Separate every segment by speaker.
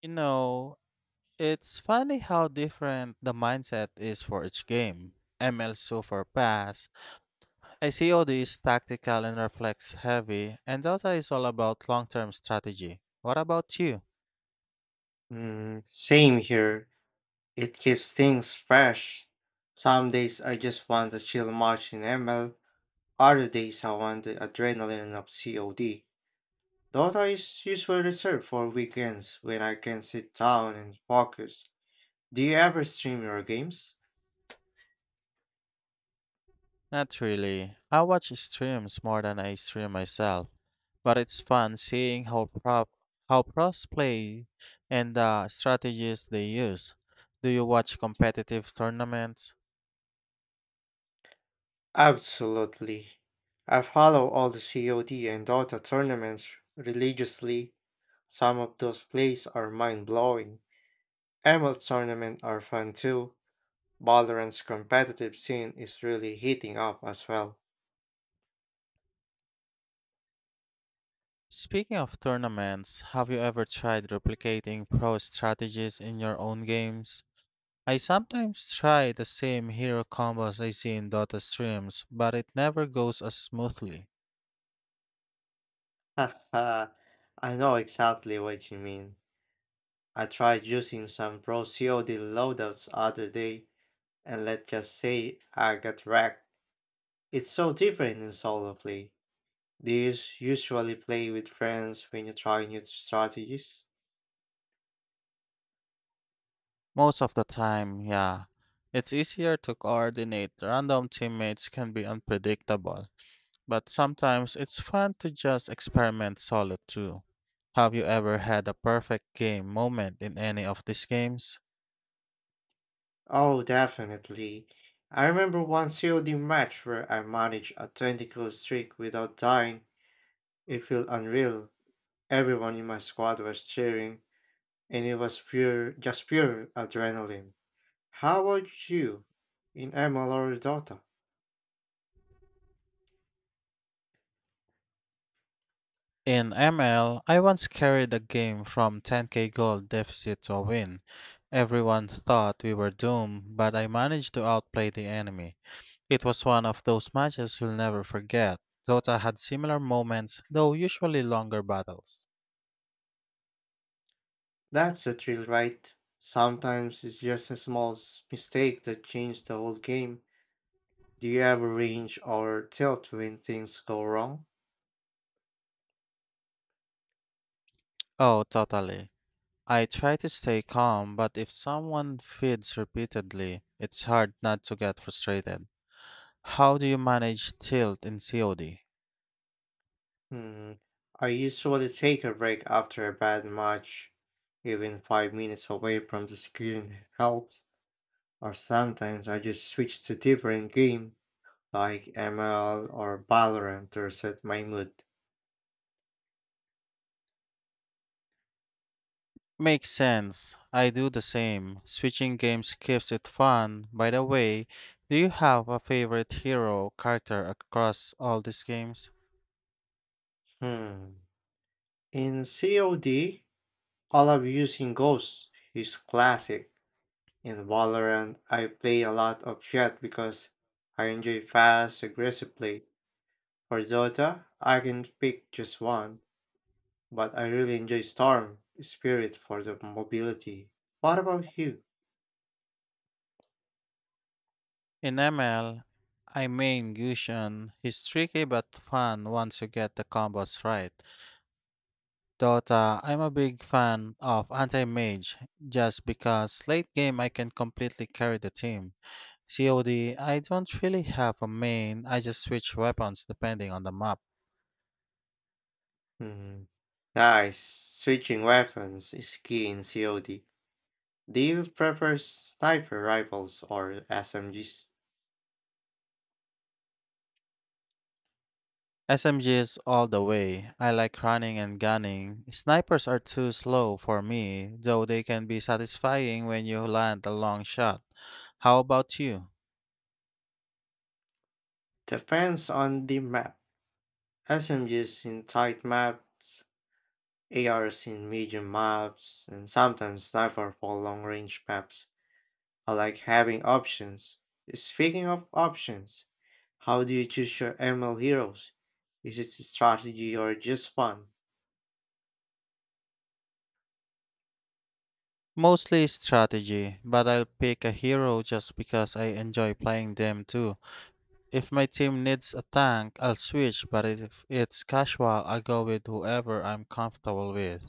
Speaker 1: You know, it's funny how different the mindset is for each game. ML Super Pass, ACOD is tactical and reflex heavy, and Dota is all about long term strategy. What about you?
Speaker 2: Mm, same here. It keeps things fresh. Some days I just want to chill march in ML, other days I want the adrenaline of COD. Dota is usually reserved for weekends when I can sit down and focus. Do you ever stream your games?
Speaker 1: Not really. I watch streams more than I stream myself, but it's fun seeing how pros play and the strategies they use. Do you watch competitive tournaments?
Speaker 2: Absolutely. I follow all the COD and Dota tournaments religiously. Some of those plays are mind blowing. ML tournaments are fun too. Valorant's competitive scene is really heating up as well.
Speaker 1: Speaking of tournaments, have you ever tried replicating pro strategies in your own games? I sometimes try the same hero combos I see in Dota streams, but it never goes as smoothly.
Speaker 2: Haha, I know exactly what you mean. I tried using some pro COD loadouts other day, and let's just say I got wrecked. It's so different in solo play. Do you usually play with friends when you try new strategies?
Speaker 1: Most of the time, yeah. It's easier to coordinate, random teammates can be unpredictable, but sometimes it's fun to just experiment solo too. Have you ever had a perfect game moment in any of these games?
Speaker 2: Oh, definitely. I remember one COD match where I managed a 20 kill streak without dying. It felt unreal. Everyone in my squad was cheering, and it was pure, just pure adrenaline. How about you in ML or Dota?
Speaker 1: In ML, I once carried a game from 10K goal deficit to a win. Everyone thought we were doomed, but I managed to outplay the enemy. It was one of those matches you'll never forget. Dota had similar moments, though usually longer battles.
Speaker 2: That's a thrill, right? Sometimes it's just a small mistake that changed the whole game. Do you ever range or tilt when things go wrong?
Speaker 1: Oh, totally. I try to stay calm, but if someone feeds repeatedly, it's hard not to get frustrated. How do you manage tilt in COD?
Speaker 2: Hmm. I usually take a break after a bad match. Even 5 minutes away from the screen helps. Or sometimes I just switch to different game like ML or Valorant to reset my mood.
Speaker 1: Makes sense. I do the same. Switching games keeps it fun. By the way, do you have a favorite hero character across all these games?
Speaker 2: Hmm. In COD, I love using Ghost, he's classic. In Valorant, I play a lot of Jet because I enjoy fast, aggressive play. For Dota, I can pick just one, but I really enjoy Storm Spirit for the mobility. What about you?
Speaker 1: In ML, I main Gusion. He's tricky but fun once you get the combos right. Dota, I'm a big fan of anti-mage just because late game I can completely carry the team. COD, I don't really have a main. I just switch weapons depending on the map.
Speaker 2: Hmm. Nice. Switching weapons is key in COD. Do you prefer sniper rifles or SMGs?
Speaker 1: SMGs all the way. I like running and gunning. Snipers are too slow for me, though they can be satisfying when you land a long shot. How about you?
Speaker 2: Depends on the map. SMGs in tight maps, ARs in medium maps, and sometimes sniper for long range maps. I like having options. Speaking of options, how do you choose your ML heroes? Is it strategy or just fun?
Speaker 1: Mostly strategy, but I'll pick a hero just because I enjoy playing them too. If my team needs a tank, I'll switch, but if it's casual, I go with whoever I'm comfortable with.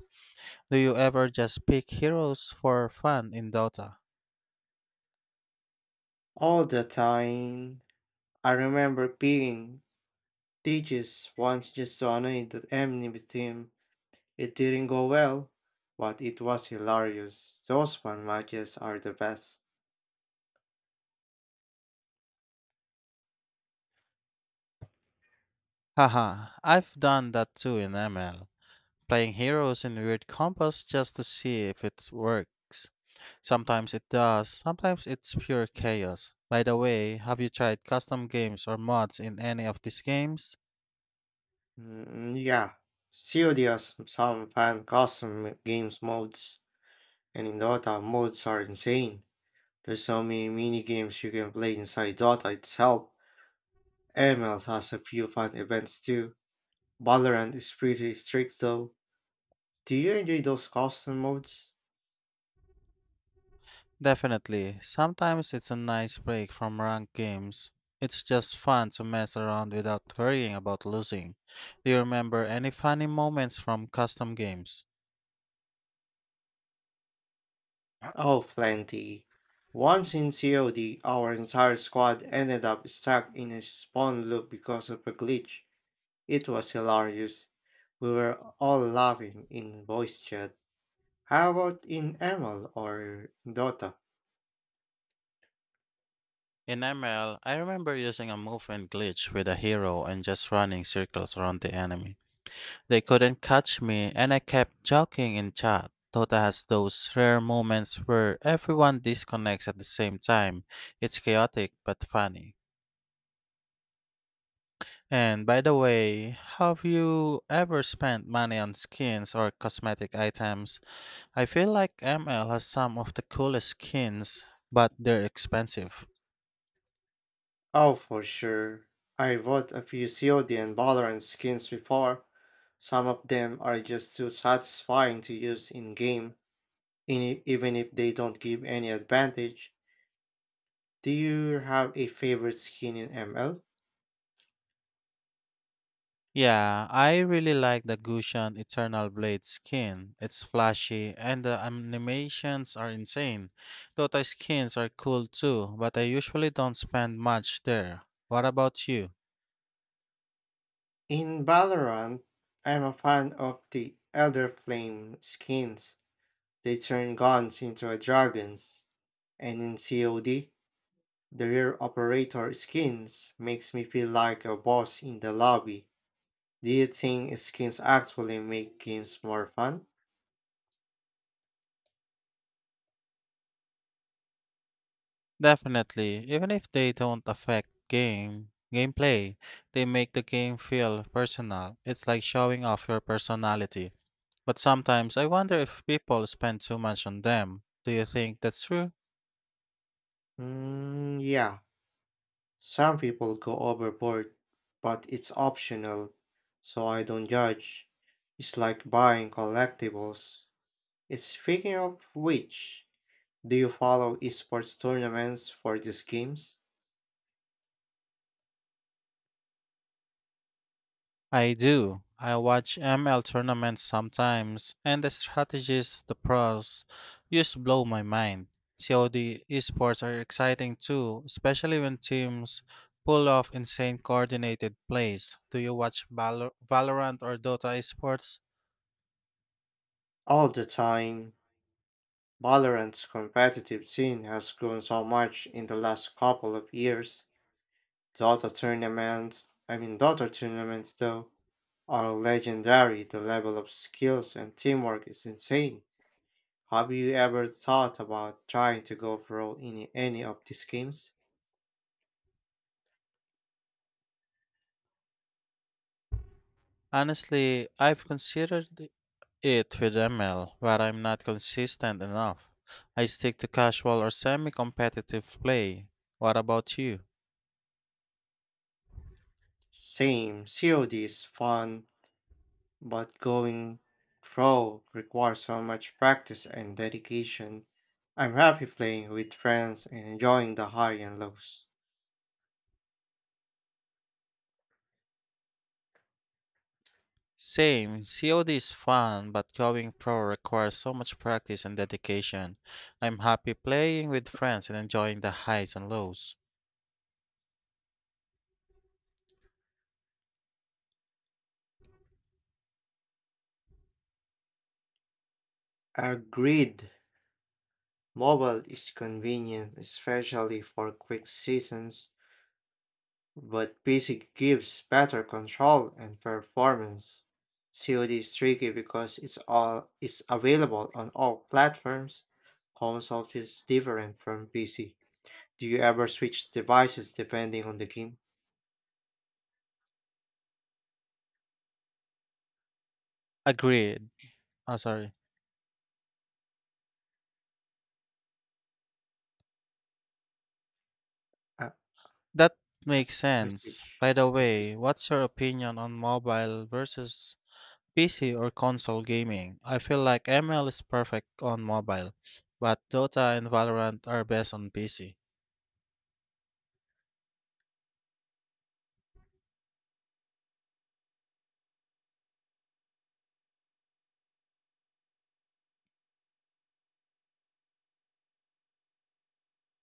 Speaker 1: Do you ever just pick heroes for fun in Dota?
Speaker 2: All the time. I remember being teaches once just to annoy the enemy team. It didn't go well, but it was hilarious. Those fan matches are the best.
Speaker 1: Haha, I've done that too in ML, playing heroes in weird combos just to see if it works. Sometimes it does, sometimes it's pure chaos. By the way, have you tried custom games or mods in any of these games?
Speaker 2: Mm, yeah. Serious some fan custom games modes, and in Dota, modes are insane. There's so many mini games you can play inside Dota itself. ML has a few fun events too. Valorant is pretty strict though. Do you enjoy those custom modes?
Speaker 1: Definitely. Sometimes it's a nice break from ranked games. It's just fun to mess around without worrying about losing. Do you remember any funny moments from custom games?
Speaker 2: Oh, plenty. Once in COD, our entire squad ended up stuck in a spawn loop because of a glitch. It was hilarious. We were all laughing in voice chat. How about in ML or Dota?
Speaker 1: In ML, I remember using a movement glitch with a hero and just running circles around the enemy. They couldn't catch me, and I kept joking in chat. Dota has those rare moments where everyone disconnects at the same time. It's chaotic but funny. And by the way, have you ever spent money on skins or cosmetic items? I feel like ML has some of the coolest skins, but they're expensive.
Speaker 2: Oh, for sure. I bought a few COD and Valorant skins before. Some of them are just too satisfying to use in game, even if they don't give any advantage. Do you have a favorite skin in ML?
Speaker 1: Yeah, I really like the Gushan Eternal Blade skin. It's flashy and the animations are insane. Dota skins are cool too, but I usually don't spend much there. What about you?
Speaker 2: In Valorant, I'm a fan of the Elder Flame skins. They turn guns into dragons. And in COD, the rear operator skins makes me feel like a boss in the lobby. Do you think skins actually make games more fun?
Speaker 1: Definitely, even if they don't affect gameplay, they make the game feel personal. It's like showing off your personality. But sometimes I wonder if people spend too much on them. Do you think that's true?
Speaker 2: Mm, yeah, some people go overboard, but it's optional, so I don't judge. It's like buying collectibles. It's speaking of which, do you follow esports tournaments for these games?
Speaker 1: I do. I watch ML tournaments sometimes, and the strategies the pros use blow my mind. COD esports are exciting too, especially when teams pull off insane coordinated plays. Do you watch Valorant or Dota esports?
Speaker 2: All the time. Valorant's competitive scene has grown so much in the last couple of years. Dota tournaments, I mean Dota tournaments though, are legendary. The level of skills and teamwork is insane. Have you ever thought about trying to go pro in any of these games?
Speaker 1: Honestly, I've considered it with ML, but I'm not consistent enough. I stick to casual or semi competitive play. What about you?
Speaker 2: Same, COD is fun, but going pro requires so much practice and dedication. I'm happy playing with friends and enjoying the high and lows.
Speaker 1: Same. COD is fun, but going pro requires so much practice and dedication. I'm happy playing with friends and enjoying the highs and lows.
Speaker 2: Agreed. Mobile is convenient, especially for quick seasons, but PC gives better control and performance. COD is tricky because it's all is available on all platforms. Console feels different from PC. Do you ever switch devices depending on the game?
Speaker 1: Agreed. Oh, sorry. That
Speaker 2: I
Speaker 1: makes
Speaker 2: I
Speaker 1: sense.
Speaker 2: switch.
Speaker 1: By the
Speaker 2: I switch.
Speaker 1: way, what's your opinion on mobile versus PC or console gaming? I feel like ML is perfect on mobile, but Dota and Valorant are best on PC.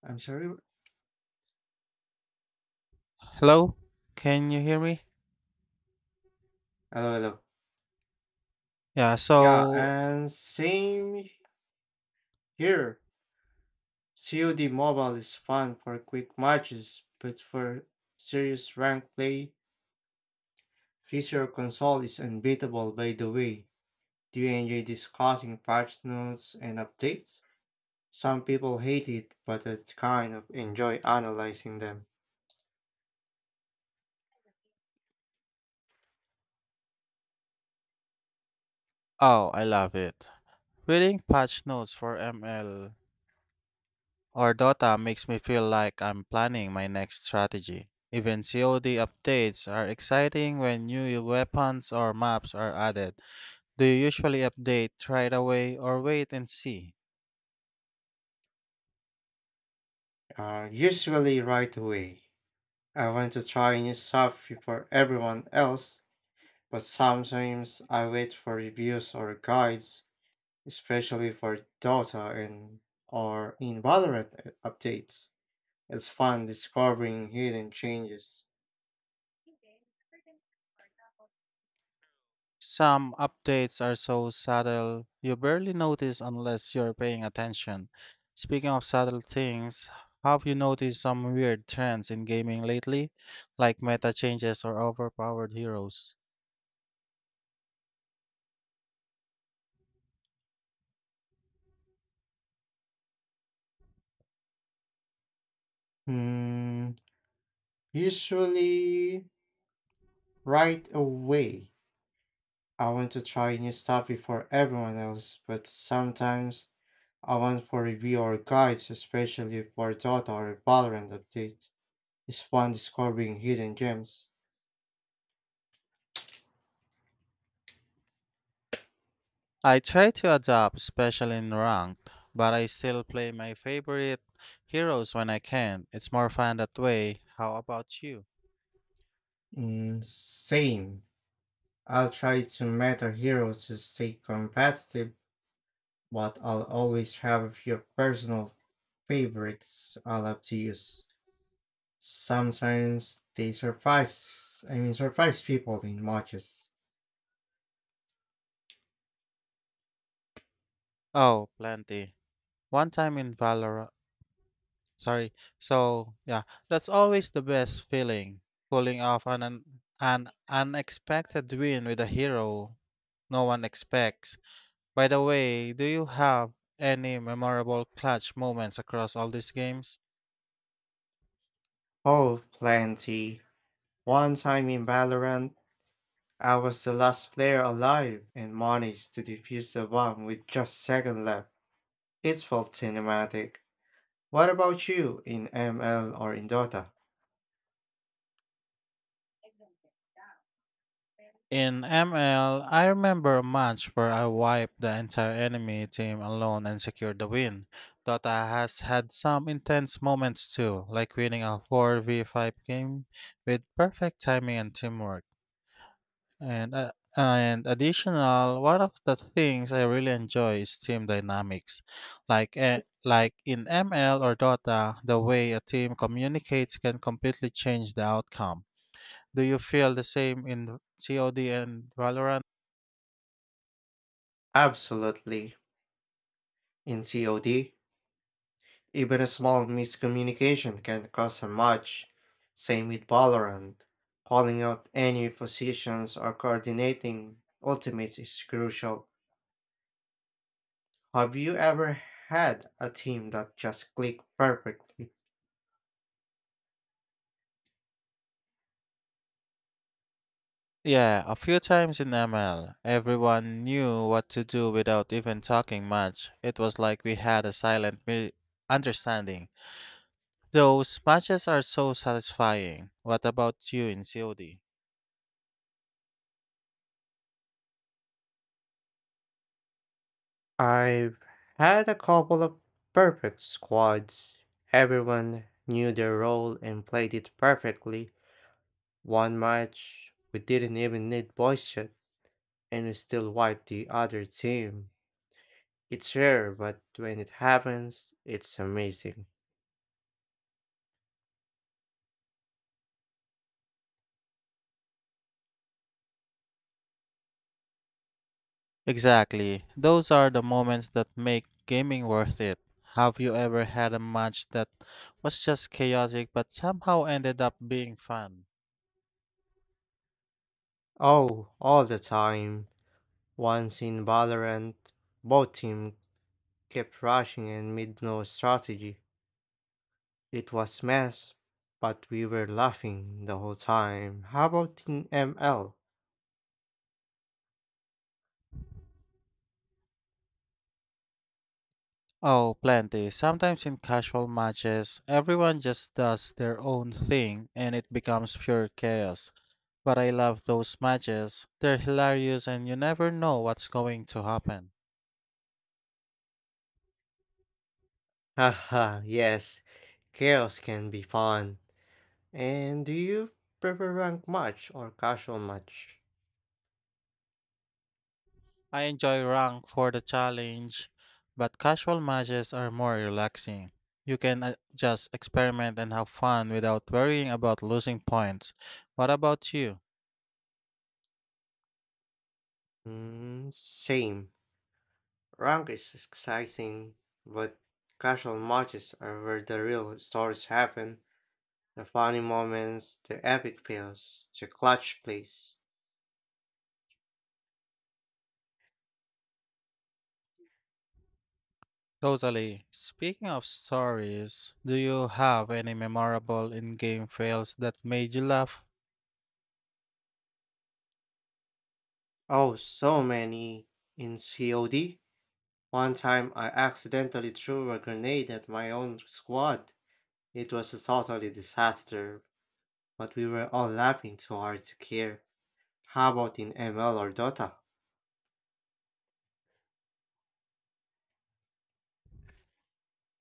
Speaker 2: I'm sorry.
Speaker 1: Hello? Can you hear me?
Speaker 2: Hello, hello.
Speaker 1: Yeah,
Speaker 2: Yeah,
Speaker 1: so.
Speaker 2: and same here. COD Mobile is fun for quick matches, but for serious rank play, Fisher console is unbeatable by the way. Do you enjoy discussing patch notes and updates? Some people hate it, but I kind of enjoy analyzing them.
Speaker 1: Oh, I love it. Reading patch notes for ML or Dota makes me feel like I'm planning my next strategy. Even COD updates are exciting when new weapons or maps are added. Do you usually update right away or wait and see?
Speaker 2: Usually right away. I want to try new stuff before everyone else. But sometimes I wait for reviews or guides, especially for Dota and or in Valorant updates. It's fun discovering hidden changes.
Speaker 1: Some updates are so subtle you barely notice unless you're paying attention. Speaking of subtle things, have you noticed some weird trends in gaming lately, like meta changes or overpowered heroes?
Speaker 2: Hmm, usually right away. I want to try new stuff before everyone else, but sometimes I want for review or guides, especially for Dota or Valorant updates. It's fun discovering hidden gems.
Speaker 1: I try to adapt, especially in ranked, but I still play my favorite heroes when I can. It's more fun that way. How about you?
Speaker 2: Mm, same. I'll try to meta hero to stay competitive, but I'll always have a few personal favorites I love to use. Sometimes they surprise, I mean, surprise people in matches.
Speaker 1: Oh, plenty. One time in Valorant. Sorry. So, yeah, that's always the best feeling. Pulling off an unexpected win with a hero no one expects. By the way, do you have any memorable clutch moments across all these games?
Speaker 2: Oh, plenty. One time in Valorant, I was the last player alive and managed to defuse the bomb with just seconds left. It felt cinematic. What about you in ML or in Dota?
Speaker 1: In ML, I remember a match where I wiped the entire enemy team alone and secured the win. Dota has had some intense moments too, like winning a 4v5 game with perfect timing and teamwork. And additional, one of the things I really enjoy is team dynamics. Like in ML or Dota, the way a team communicates can completely change the outcome. Do you feel the same in COD and Valorant?
Speaker 2: Absolutely. In COD, even a small miscommunication can cause a match. Same with Valorant. Calling out any positions or coordinating ultimates is crucial. Have you ever had a team that just clicked perfectly?
Speaker 1: Yeah, a few times in ML, everyone knew what to do without even talking much. It was like we had a silent understanding. Those matches are so satisfying. What about you in COD?
Speaker 2: I've had a couple of perfect squads. Everyone knew their role and played it perfectly. One match, we didn't even need voice chat, and we still wiped the other team. It's rare, but when it happens, it's amazing.
Speaker 1: Exactly. Those are the moments that make gaming worth it. Have you ever had a match that was just chaotic but somehow ended up being fun?
Speaker 2: Oh, all the time. Once in Valorant, both team kept rushing and made no strategy. It was mess, but we were laughing the whole time. How about Team ML?
Speaker 1: Oh, plenty. Sometimes in casual matches, everyone just does their own thing and it becomes pure chaos. But I love those matches. They're hilarious and you never know what's going to happen.
Speaker 2: Haha, yes. Chaos can be fun. And do you prefer rank match or casual match?
Speaker 1: I enjoy rank for the challenge, but casual matches are more relaxing. You can just experiment and have fun without worrying about losing points. What about you?
Speaker 2: Mm, same. Rank is exciting, but casual matches are where the real stories happen. The funny moments, the epic fails, the clutch plays.
Speaker 1: Totally. Speaking of stories, do you have any memorable in-game fails that made you laugh?
Speaker 2: Oh, so many in COD. One time I accidentally threw a grenade at my own squad. It was a totally disaster, but we were all laughing too hard to care. How about in ML or Dota?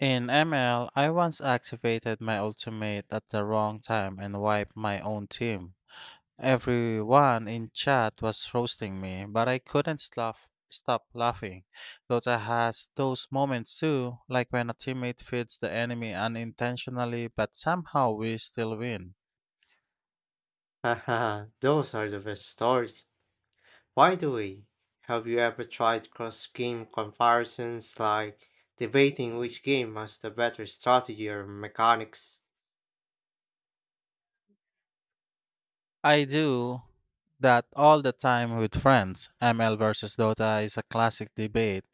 Speaker 1: In ML, I once activated my ultimate at the wrong time and wiped my own team. Everyone in chat was roasting me, but I couldn't stop laughing. Dota has those moments too, like when a teammate feeds the enemy unintentionally, but somehow we still win.
Speaker 2: Haha, those are the best stories. By the way, have you ever tried cross game comparisons like debating which game has the better strategy or mechanics?
Speaker 1: I do that all the time with friends. ML versus Dota is a classic debate.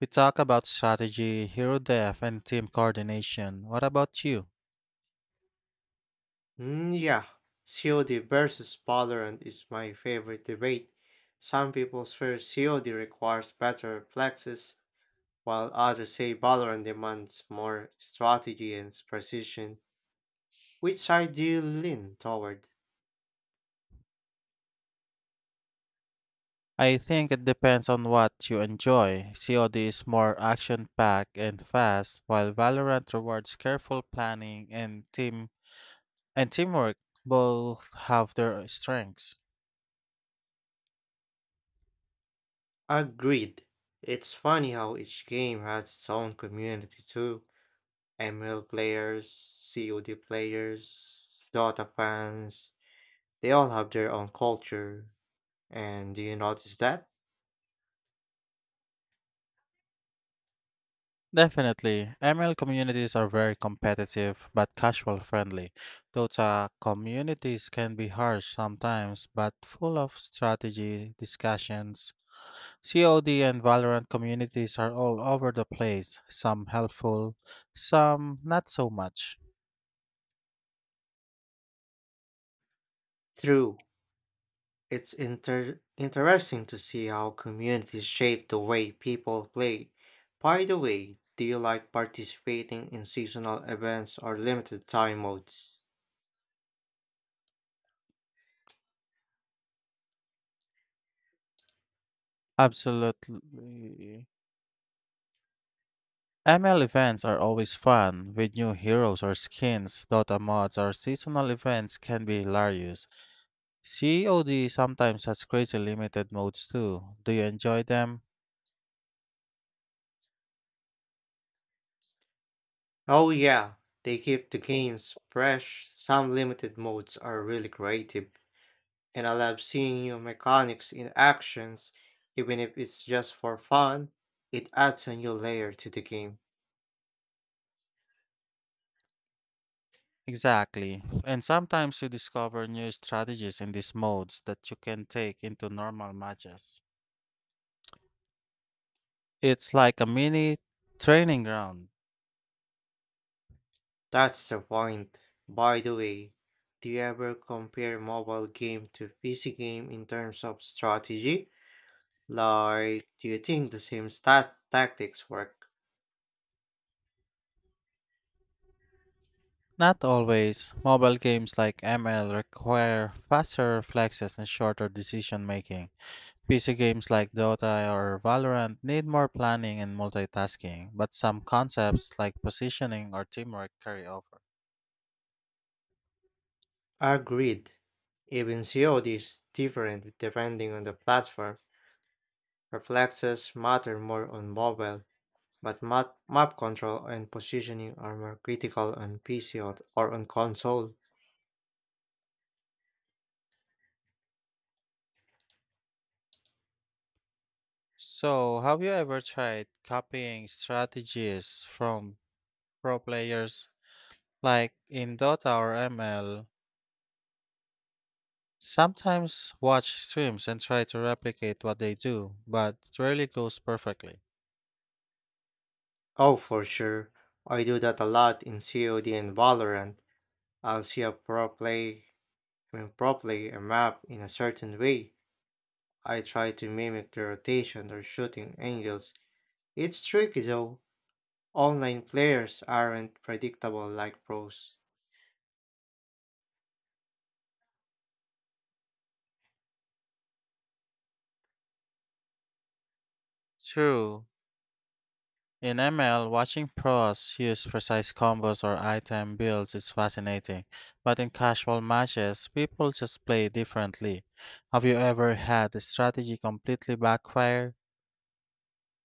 Speaker 1: We talk about strategy, hero death, and team coordination. What about you?
Speaker 2: Mm, yeah, COD versus Valorant is my favorite debate. Some people swear COD requires better reflexes, while others say Valorant demands more strategy and precision. Which side do you lean toward?
Speaker 1: I think it depends on what you enjoy. COD is more action packed and fast, while Valorant rewards careful planning and teamwork. Both have their strengths.
Speaker 2: Agreed. It's funny how each game has its own community too. ML players, COD players, Dota fans, they all have their own culture. And do you notice that?
Speaker 1: Definitely. ML communities are very competitive but casual friendly. Dota communities can be harsh sometimes but full of strategy discussions. COD and Valorant communities are all over the place, some helpful, some not so much.
Speaker 2: True. It's interesting to see how communities shape the way people play. By the way, do you like participating in seasonal events or limited time modes?
Speaker 1: Absolutely. ML events are always fun with new heroes or skins. Dota mods or seasonal events can be hilarious. COD sometimes has crazy limited modes too. Do you enjoy them?
Speaker 2: Oh, yeah, they keep the games fresh. Some limited modes are really creative, and I love seeing new mechanics in actions, even if it's just for fun. It adds a new layer to the game.
Speaker 1: Exactly. And sometimes you discover new strategies in these modes that you can take into normal matches. It's like a mini training ground.
Speaker 2: That's the point. By the way, do you ever compare mobile game to PC game in terms of strategy? Like, do you think the same stat tactics work?
Speaker 1: Not always. Mobile games like ML require faster reflexes and shorter decision making. PC games like Dota or Valorant need more planning and multitasking, but some concepts like positioning or teamwork carry over.
Speaker 2: Agreed. Even COD is different depending on the platform. Reflexes matter more on mobile, but map control and positioning are more critical on PC or on console.
Speaker 1: So, have you ever tried copying strategies from pro players like in Dota or ML? Sometimes watch streams and try to replicate what they do, but it rarely goes perfectly.
Speaker 2: Oh, for sure. I do that a lot in COD and Valorant. I'll see a pro play, I mean pro play a map in a certain way. I try to mimic the rotation or shooting angles. It's tricky though. Online players aren't predictable like pros.
Speaker 1: True. In ML, watching pros use precise combos or item builds is fascinating, but in casual matches, people just play differently. Have you ever had a strategy completely backfire?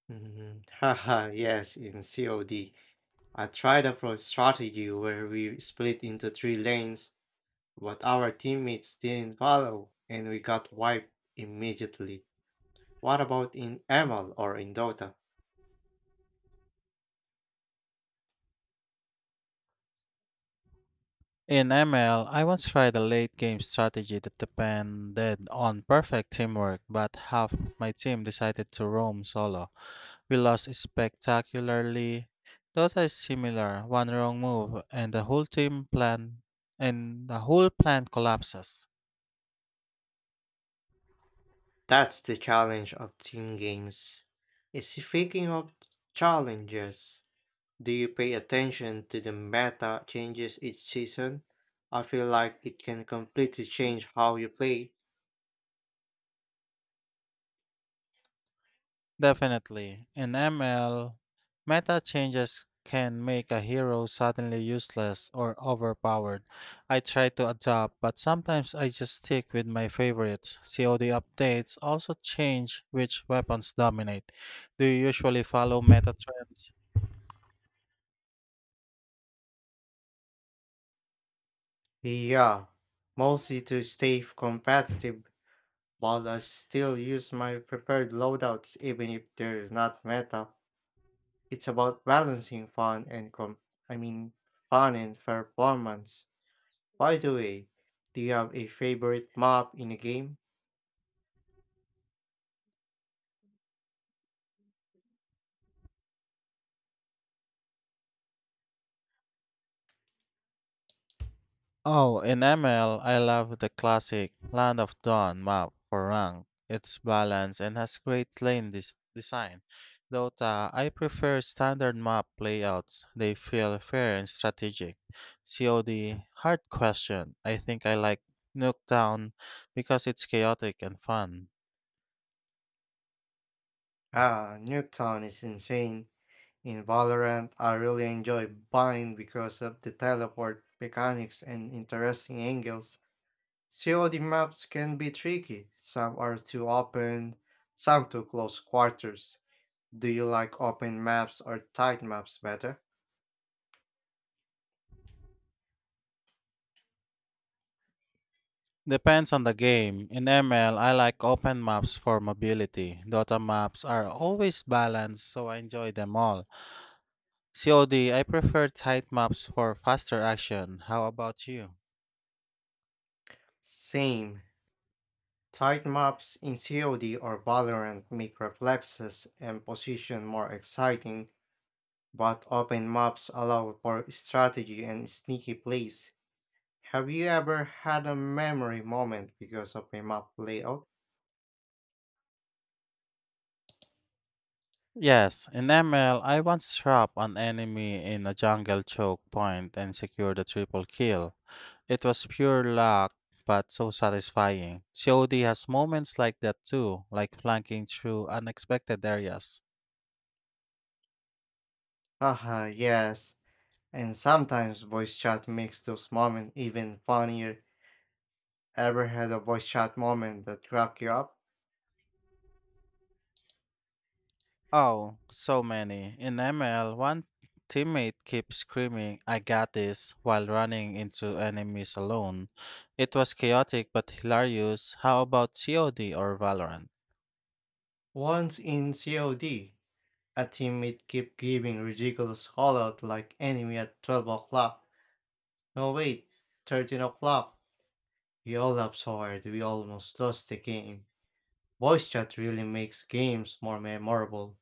Speaker 2: Mhm. Haha, yes, in COD. I tried a pro strategy where we split into three lanes, but our teammates didn't follow and we got wiped immediately. What about in ML or in Dota?
Speaker 1: In ML, I once tried a late game strategy that depended on perfect teamwork, but half my team decided to roam solo. We lost spectacularly. Dota is similar. One wrong move and the whole plan collapses.
Speaker 2: That's the challenge of team games. Is Speaking of challenges, do you pay attention to the meta changes each season? I feel like it can completely change how you play.
Speaker 1: Definitely. In ML, meta changes can make a hero suddenly useless or overpowered. I try to adapt, but sometimes I just stick with my favorites. COD updates also change which weapons dominate. Do you usually follow meta trends?
Speaker 2: Yeah, mostly to stay competitive, but I still use my preferred loadouts even if there's not meta. It's about balancing fun and I mean fun and performance. By the way, do you have a favorite map in a game?
Speaker 1: Oh, in ML, I love the classic Land of Dawn map for rank. It's balanced and has great design. Dota, I prefer standard map layouts. They feel fair and strategic. COD, hard question. I think I like Nuketown because it's chaotic and fun.
Speaker 2: Ah, Nuketown is insane. In Valorant, I really enjoy Bind because of the teleport mechanics and interesting angles. COD maps can be tricky. Some are too open, some too close quarters. Do you like open maps or tight maps better?
Speaker 1: Depends on the game. In ML, I like open maps for mobility. Dota maps are always balanced, so I enjoy them all. COD, I prefer tight maps for faster action. How about you?
Speaker 2: Same. Tight maps in COD or Valorant make reflexes and position more exciting, but open maps allow for strategy and sneaky plays. Have you ever had a memory moment because of a map layout?
Speaker 1: Yes, in ML, I once trapped an enemy in a jungle choke point and secured a triple kill. It was pure luck, but so satisfying. COD has moments like that too, like flanking through unexpected areas.
Speaker 2: Haha, yes. And sometimes voice chat makes those moments even funnier. Ever had a voice chat moment that cracked you up?
Speaker 1: Oh, so many. In ML, one teammate keeps screaming, I got this, while running into enemies alone. It was chaotic but hilarious. How about COD or Valorant?
Speaker 2: Once in COD, a teammate kept giving ridiculous hollout like enemy at 12 o'clock. No wait, 13 o'clock. We all laughed so hard we almost lost the game. Voice chat really makes games more memorable.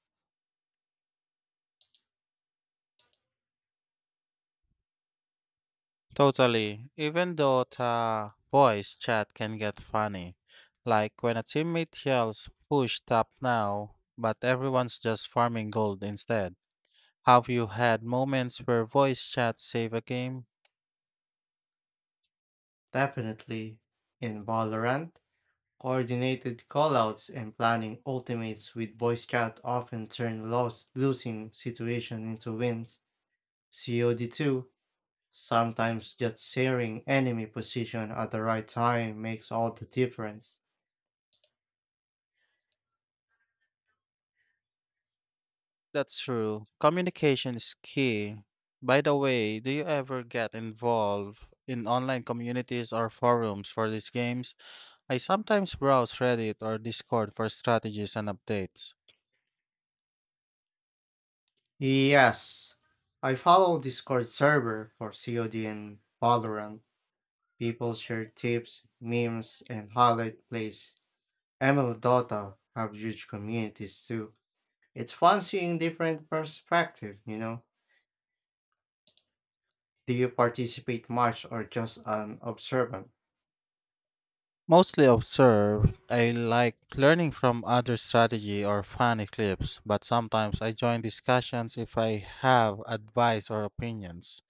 Speaker 1: Totally. Even though the voice chat can get funny. Like when a teammate yells, push top now, but everyone's just farming gold instead. Have you had moments where voice chat save a game?
Speaker 2: Definitely. In Valorant, coordinated callouts and planning ultimates with Boy Scout often turn loss losing situation into wins. COD2, sometimes just sharing enemy position at the right time makes all the difference.
Speaker 1: That's true. Communication is key. By the way, do you ever get involved in online communities or forums for these games? I sometimes browse Reddit or Discord for strategies and updates.
Speaker 2: Yes, I follow Discord server for COD and Valorant. People share tips, memes, and highlight plays. ML Dota have huge communities too. It's fun seeing different perspective. Do you participate much or just an observant?
Speaker 1: Mostly observe. I like learning from other strategy or funny clips, but sometimes I join discussions if I have advice or opinions.